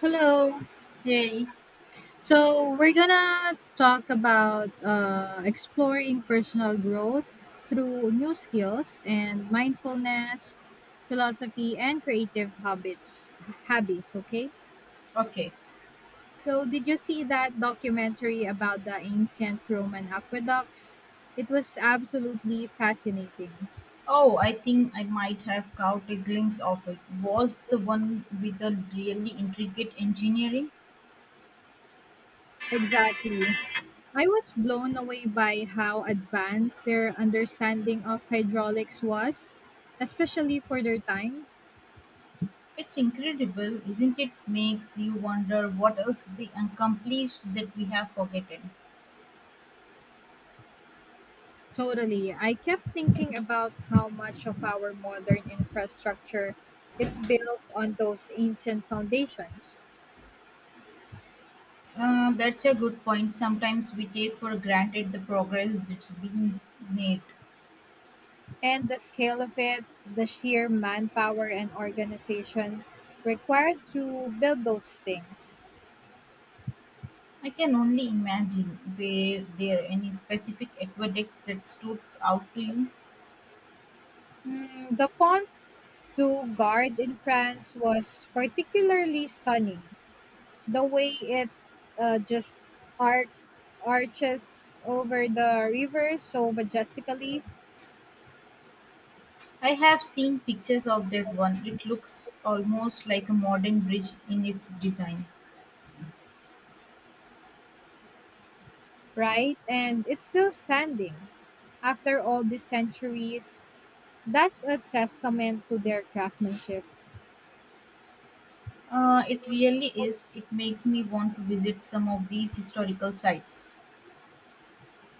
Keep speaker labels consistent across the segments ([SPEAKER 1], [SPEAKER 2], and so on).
[SPEAKER 1] Hello.
[SPEAKER 2] Hey,
[SPEAKER 1] So we're gonna talk about exploring personal growth through new skills and mindfulness, philosophy, and creative habits. Habits, okay?
[SPEAKER 2] okay.
[SPEAKER 1] So did you see that documentary about the ancient Roman aqueducts? It was absolutely fascinating.
[SPEAKER 2] Oh, I think I might have caught a glimpse of it. Was the one with the really intricate engineering?
[SPEAKER 1] Exactly. I was blown away by how advanced their understanding of hydraulics was, especially for their time.
[SPEAKER 2] It's incredible, isn't it? Makes you wonder what else they accomplished that we have forgotten.
[SPEAKER 1] Totally. I kept thinking about how much of our modern infrastructure is built on those ancient foundations.
[SPEAKER 2] That's a good point. Sometimes we take for granted the progress that's being made.
[SPEAKER 1] And the scale of it, the sheer manpower and organization required to build those things.
[SPEAKER 2] I can only imagine, were there any specific aqueducts that stood out to you?
[SPEAKER 1] Mm, the Pont du Gard in France was particularly stunning. The way it just arched arches over the river so majestically,
[SPEAKER 2] I have seen pictures of that one. It looks almost like a modern bridge in its design.
[SPEAKER 1] right? And it's still standing. After all these centuries, that's a testament to their craftsmanship.
[SPEAKER 2] It really is. It makes me want to visit some of these historical sites.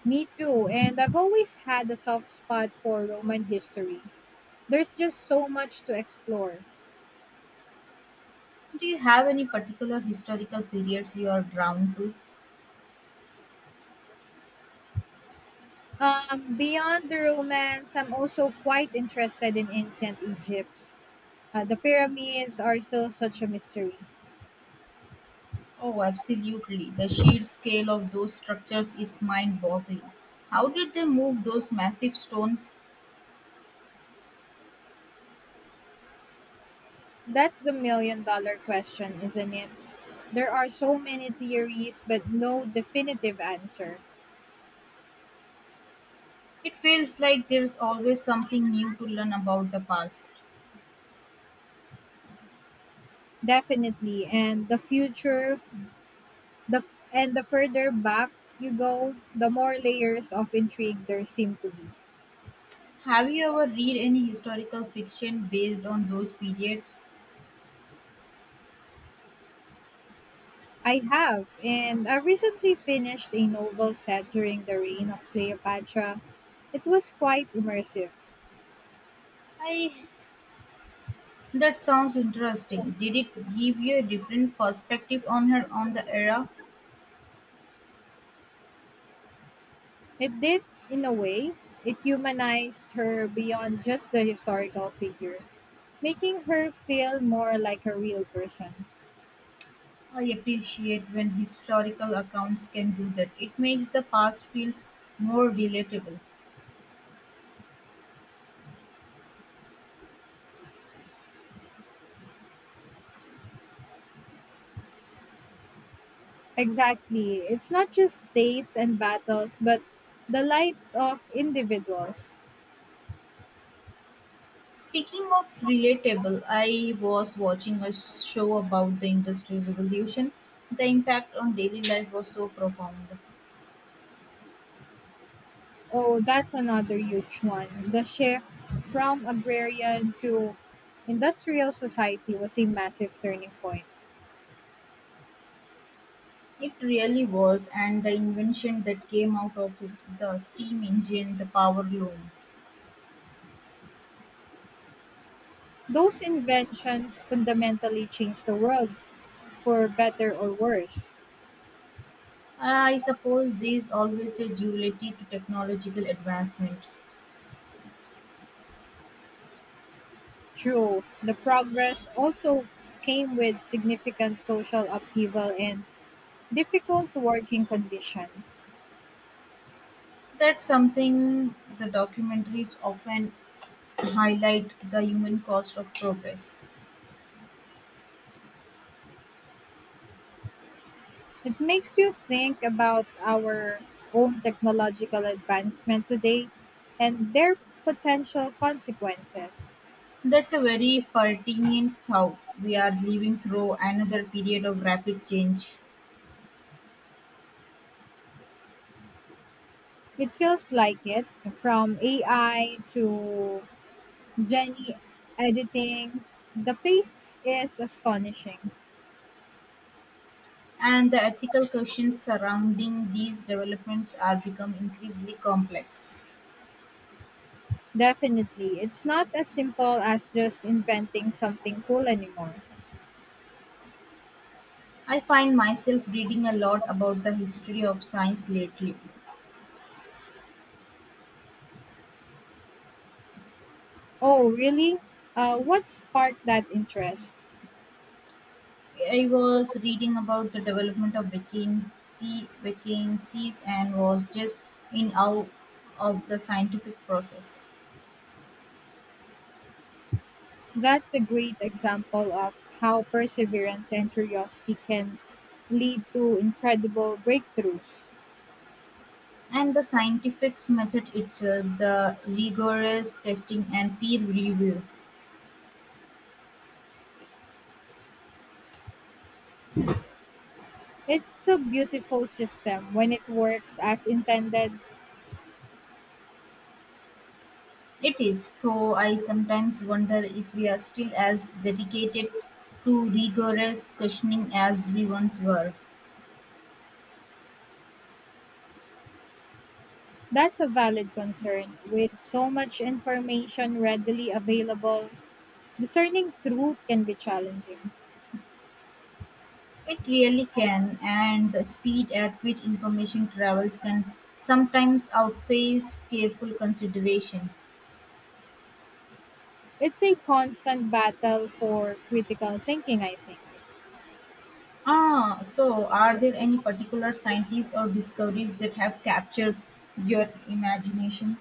[SPEAKER 1] Me too, and I've always had a soft spot for Roman history. There's just so much to explore.
[SPEAKER 2] Do you have any particular historical periods you are drawn to?
[SPEAKER 1] Beyond the Romans, I'm also quite interested in ancient Egypt. The pyramids are still such a mystery.
[SPEAKER 2] Oh, absolutely. The sheer scale of those structures is mind boggling. How did they move those massive stones?
[SPEAKER 1] That's the million dollar question, isn't it? There are so many theories, but no definitive answer.
[SPEAKER 2] It feels like there's always something new to learn about the past.
[SPEAKER 1] Definitely. And the future, and the further back you go, the more layers of intrigue there seem to be.
[SPEAKER 2] Have you ever read any historical fiction based on those periods?
[SPEAKER 1] I have, and I recently finished a novel set during the reign of Cleopatra. It was quite immersive.
[SPEAKER 2] I That sounds interesting. Did it give you a different perspective on her, on the era?
[SPEAKER 1] It did, in a way. It humanized her beyond just the historical figure, making her feel more like a real person.
[SPEAKER 2] I appreciate when historical accounts can do that. It makes the past feel more relatable.
[SPEAKER 1] Exactly. It's not just dates and battles, but the lives of individuals.
[SPEAKER 2] Speaking of relatable, I was watching a show about the Industrial Revolution. The impact on daily life was so profound.
[SPEAKER 1] Oh, that's another huge one. The shift from agrarian to industrial society was a massive turning point.
[SPEAKER 2] It really was, and the invention that came out of it, the steam engine, the power loom.
[SPEAKER 1] Those inventions fundamentally changed the world, for better or worse.
[SPEAKER 2] I suppose there's always a duality to technological advancement.
[SPEAKER 1] True, the progress also came with significant social upheaval and difficult working conditions.
[SPEAKER 2] That's something the documentaries often highlight, the human cost of progress.
[SPEAKER 1] It makes you think about our own technological advancement today and their potential consequences.
[SPEAKER 2] That's a very pertinent thought. We are living through another period of rapid change,
[SPEAKER 1] It feels like it, from AI to Jenny editing, the pace is astonishing.
[SPEAKER 2] and the ethical questions surrounding these developments are become increasingly complex.
[SPEAKER 1] Definitely, it's not as simple as just inventing something cool anymore.
[SPEAKER 2] I find myself reading a lot about the history of science lately.
[SPEAKER 1] Oh, really? What sparked that interest?
[SPEAKER 2] I was reading about the development of vacancy, vacancies, and was just in awe of the scientific process.
[SPEAKER 1] That's a great example of how perseverance and curiosity can lead to incredible breakthroughs.
[SPEAKER 2] And the scientific method itself, the rigorous testing and peer review.
[SPEAKER 1] It's a beautiful system when it works as intended.
[SPEAKER 2] It is, though I sometimes wonder if we are still as dedicated to rigorous questioning as we once were.
[SPEAKER 1] That's a valid concern. With so much information readily available, discerning truth can be challenging.
[SPEAKER 2] It really can, and the speed at which information travels can sometimes outpace careful consideration.
[SPEAKER 1] It's a constant battle for critical thinking, I think.
[SPEAKER 2] Ah, so are there any particular scientists or discoveries that have captured your imagination?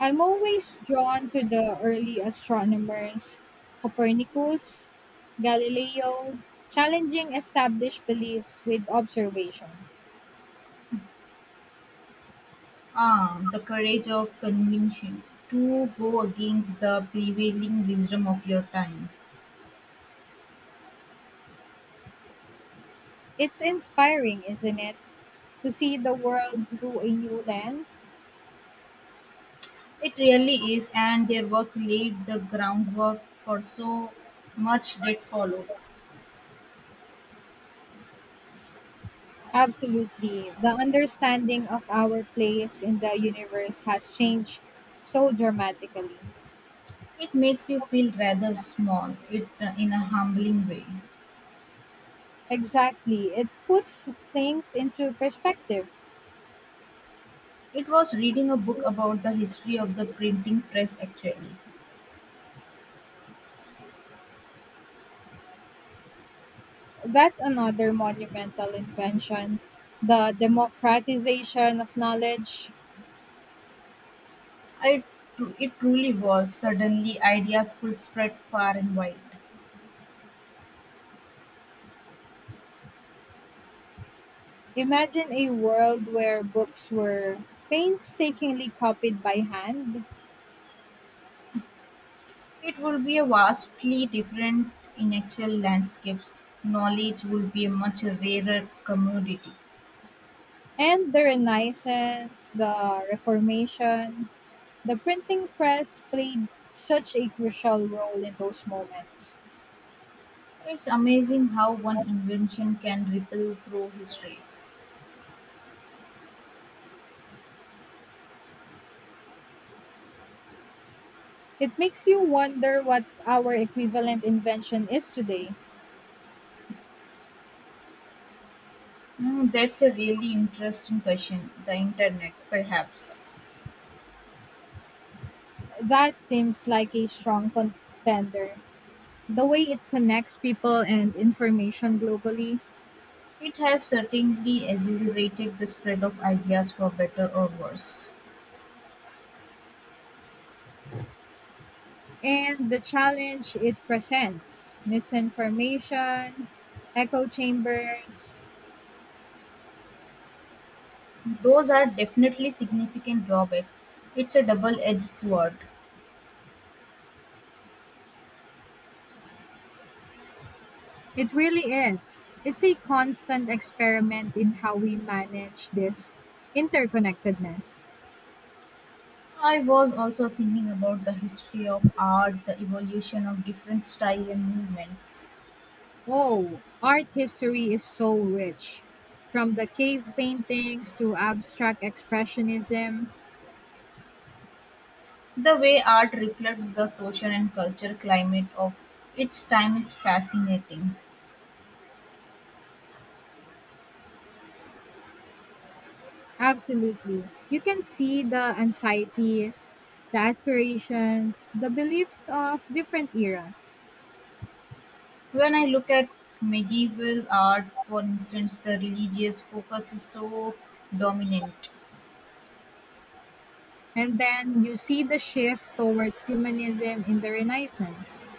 [SPEAKER 1] I'm always drawn to the early astronomers, Copernicus, Galileo, challenging established beliefs with observation.
[SPEAKER 2] Ah, the courage of convention to go against the prevailing wisdom of your time.
[SPEAKER 1] It's inspiring, isn't it, to see the world through a new lens?
[SPEAKER 2] It really is, and their work laid the groundwork for so much that followed.
[SPEAKER 1] Absolutely. The understanding of our place in the universe has changed so dramatically.
[SPEAKER 2] It makes you feel rather small, it in a humbling way.
[SPEAKER 1] Exactly. It puts things into perspective.
[SPEAKER 2] It was reading a book about the history of the printing press actually.
[SPEAKER 1] That's another monumental invention, the democratization of knowledge.
[SPEAKER 2] I it truly was. Suddenly ideas could spread far and wide.
[SPEAKER 1] Imagine a world where books were painstakingly copied by hand,
[SPEAKER 2] It would be a vastly different in actual landscapes. Knowledge would be a much rarer commodity.
[SPEAKER 1] and the Renaissance, the Reformation, the printing press played such a crucial role in those moments.
[SPEAKER 2] It's amazing how one invention can ripple through history.
[SPEAKER 1] It makes you wonder what our equivalent invention is today.
[SPEAKER 2] Mm, that's a really interesting question. The internet, perhaps.
[SPEAKER 1] That seems like a strong contender, the way it connects people and information globally,
[SPEAKER 2] It has certainly accelerated the spread of ideas for better or worse.
[SPEAKER 1] and the challenge it presents, misinformation, echo chambers.
[SPEAKER 2] Those are definitely significant drawbacks. It's a double edged sword.
[SPEAKER 1] It really is. It's a constant experiment in how we manage this interconnectedness.
[SPEAKER 2] I was also thinking about the history of art, the evolution of different styles and movements.
[SPEAKER 1] Oh, art history is so rich. From the cave paintings to abstract expressionism,
[SPEAKER 2] The way art reflects the social and cultural climate of its time is fascinating.
[SPEAKER 1] absolutely. You can see the anxieties, the aspirations, the beliefs of different eras.
[SPEAKER 2] When I look at medieval art, for instance, the religious focus is so dominant.
[SPEAKER 1] And then you see the shift towards humanism in the Renaissance.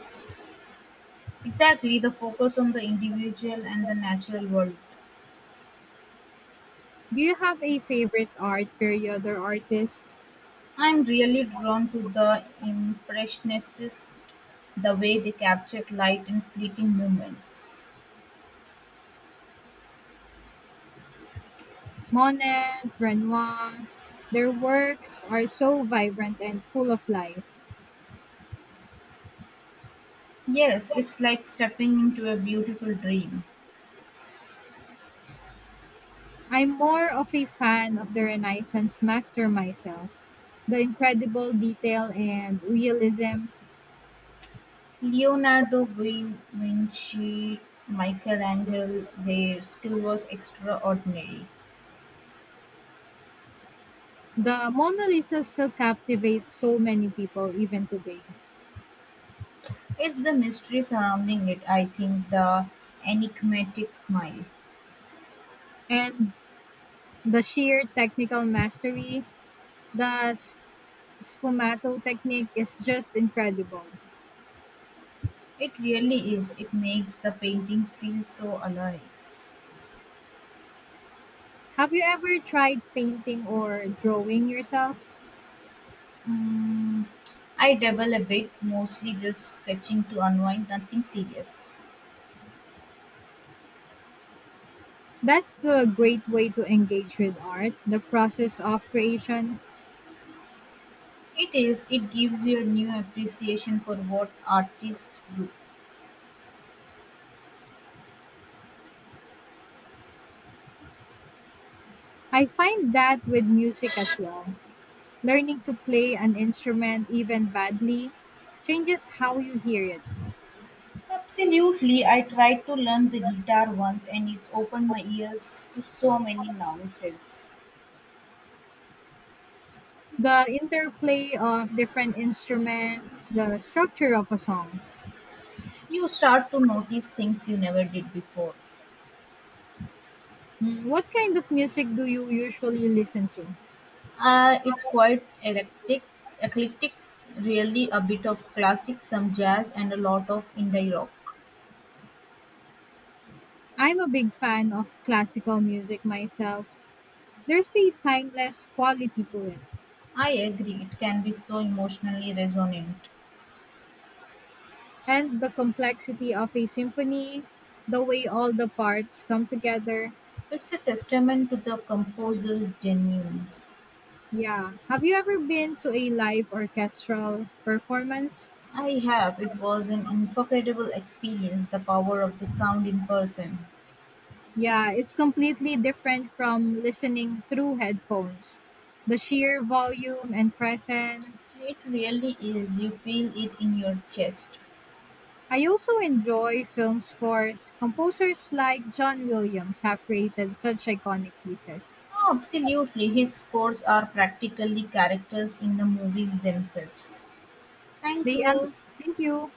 [SPEAKER 2] Exactly, the focus on the individual and the natural world.
[SPEAKER 1] Do you have a favorite art period or artist?
[SPEAKER 2] I'm really drawn to the Impressionists, the way they captured light in fleeting moments.
[SPEAKER 1] Monet, Renoir. Their works are so vibrant and full of life.
[SPEAKER 2] Yes, it's like stepping into a beautiful dream.
[SPEAKER 1] I'm more of a fan of the Renaissance master myself. The incredible detail and realism.
[SPEAKER 2] Leonardo da Vinci, Michelangelo, their skill was extraordinary.
[SPEAKER 1] The Mona Lisa still captivates so many people even today.
[SPEAKER 2] It's the mystery surrounding it, I think, the enigmatic smile.
[SPEAKER 1] And the sheer technical mastery, sfumato technique is just incredible.
[SPEAKER 2] It really is. It makes the painting feel so alive.
[SPEAKER 1] Have you ever tried painting or drawing yourself?
[SPEAKER 2] Mm, I dabble a bit, mostly just sketching to unwind, nothing serious.
[SPEAKER 1] That's still a great way to engage with art, the process of creation.
[SPEAKER 2] It is, it gives you a new appreciation for what artists do.
[SPEAKER 1] I find that with music as well. Learning to play an instrument, even badly, changes how you hear it.
[SPEAKER 2] Absolutely, I tried to learn the guitar once and it's opened my ears to so many nuances.
[SPEAKER 1] The interplay of different instruments, the structure of a song.
[SPEAKER 2] You start to notice things you never did before.
[SPEAKER 1] Mm, what kind of music do you usually listen to?
[SPEAKER 2] It's quite eclectic, really a bit of classic, some jazz, and a lot of indie rock.
[SPEAKER 1] I'm a big fan of classical music myself. There's a timeless quality to it,
[SPEAKER 2] I agree, it can be so emotionally resonant.
[SPEAKER 1] and the complexity of a symphony, the way all the parts come together.
[SPEAKER 2] It's a testament to the composer's genuineness.
[SPEAKER 1] Yeah. Have you ever been to a live orchestral performance?
[SPEAKER 2] I have. It was an unforgettable experience, the power of the sound in person.
[SPEAKER 1] Yeah, it's completely different from listening through headphones. The sheer volume and presence.
[SPEAKER 2] It really is. You feel it in your chest.
[SPEAKER 1] I also enjoy film scores. Composers like John Williams have created such iconic pieces.
[SPEAKER 2] Oh, absolutely. His scores are practically characters in the movies themselves. Thank you.
[SPEAKER 1] Thank you.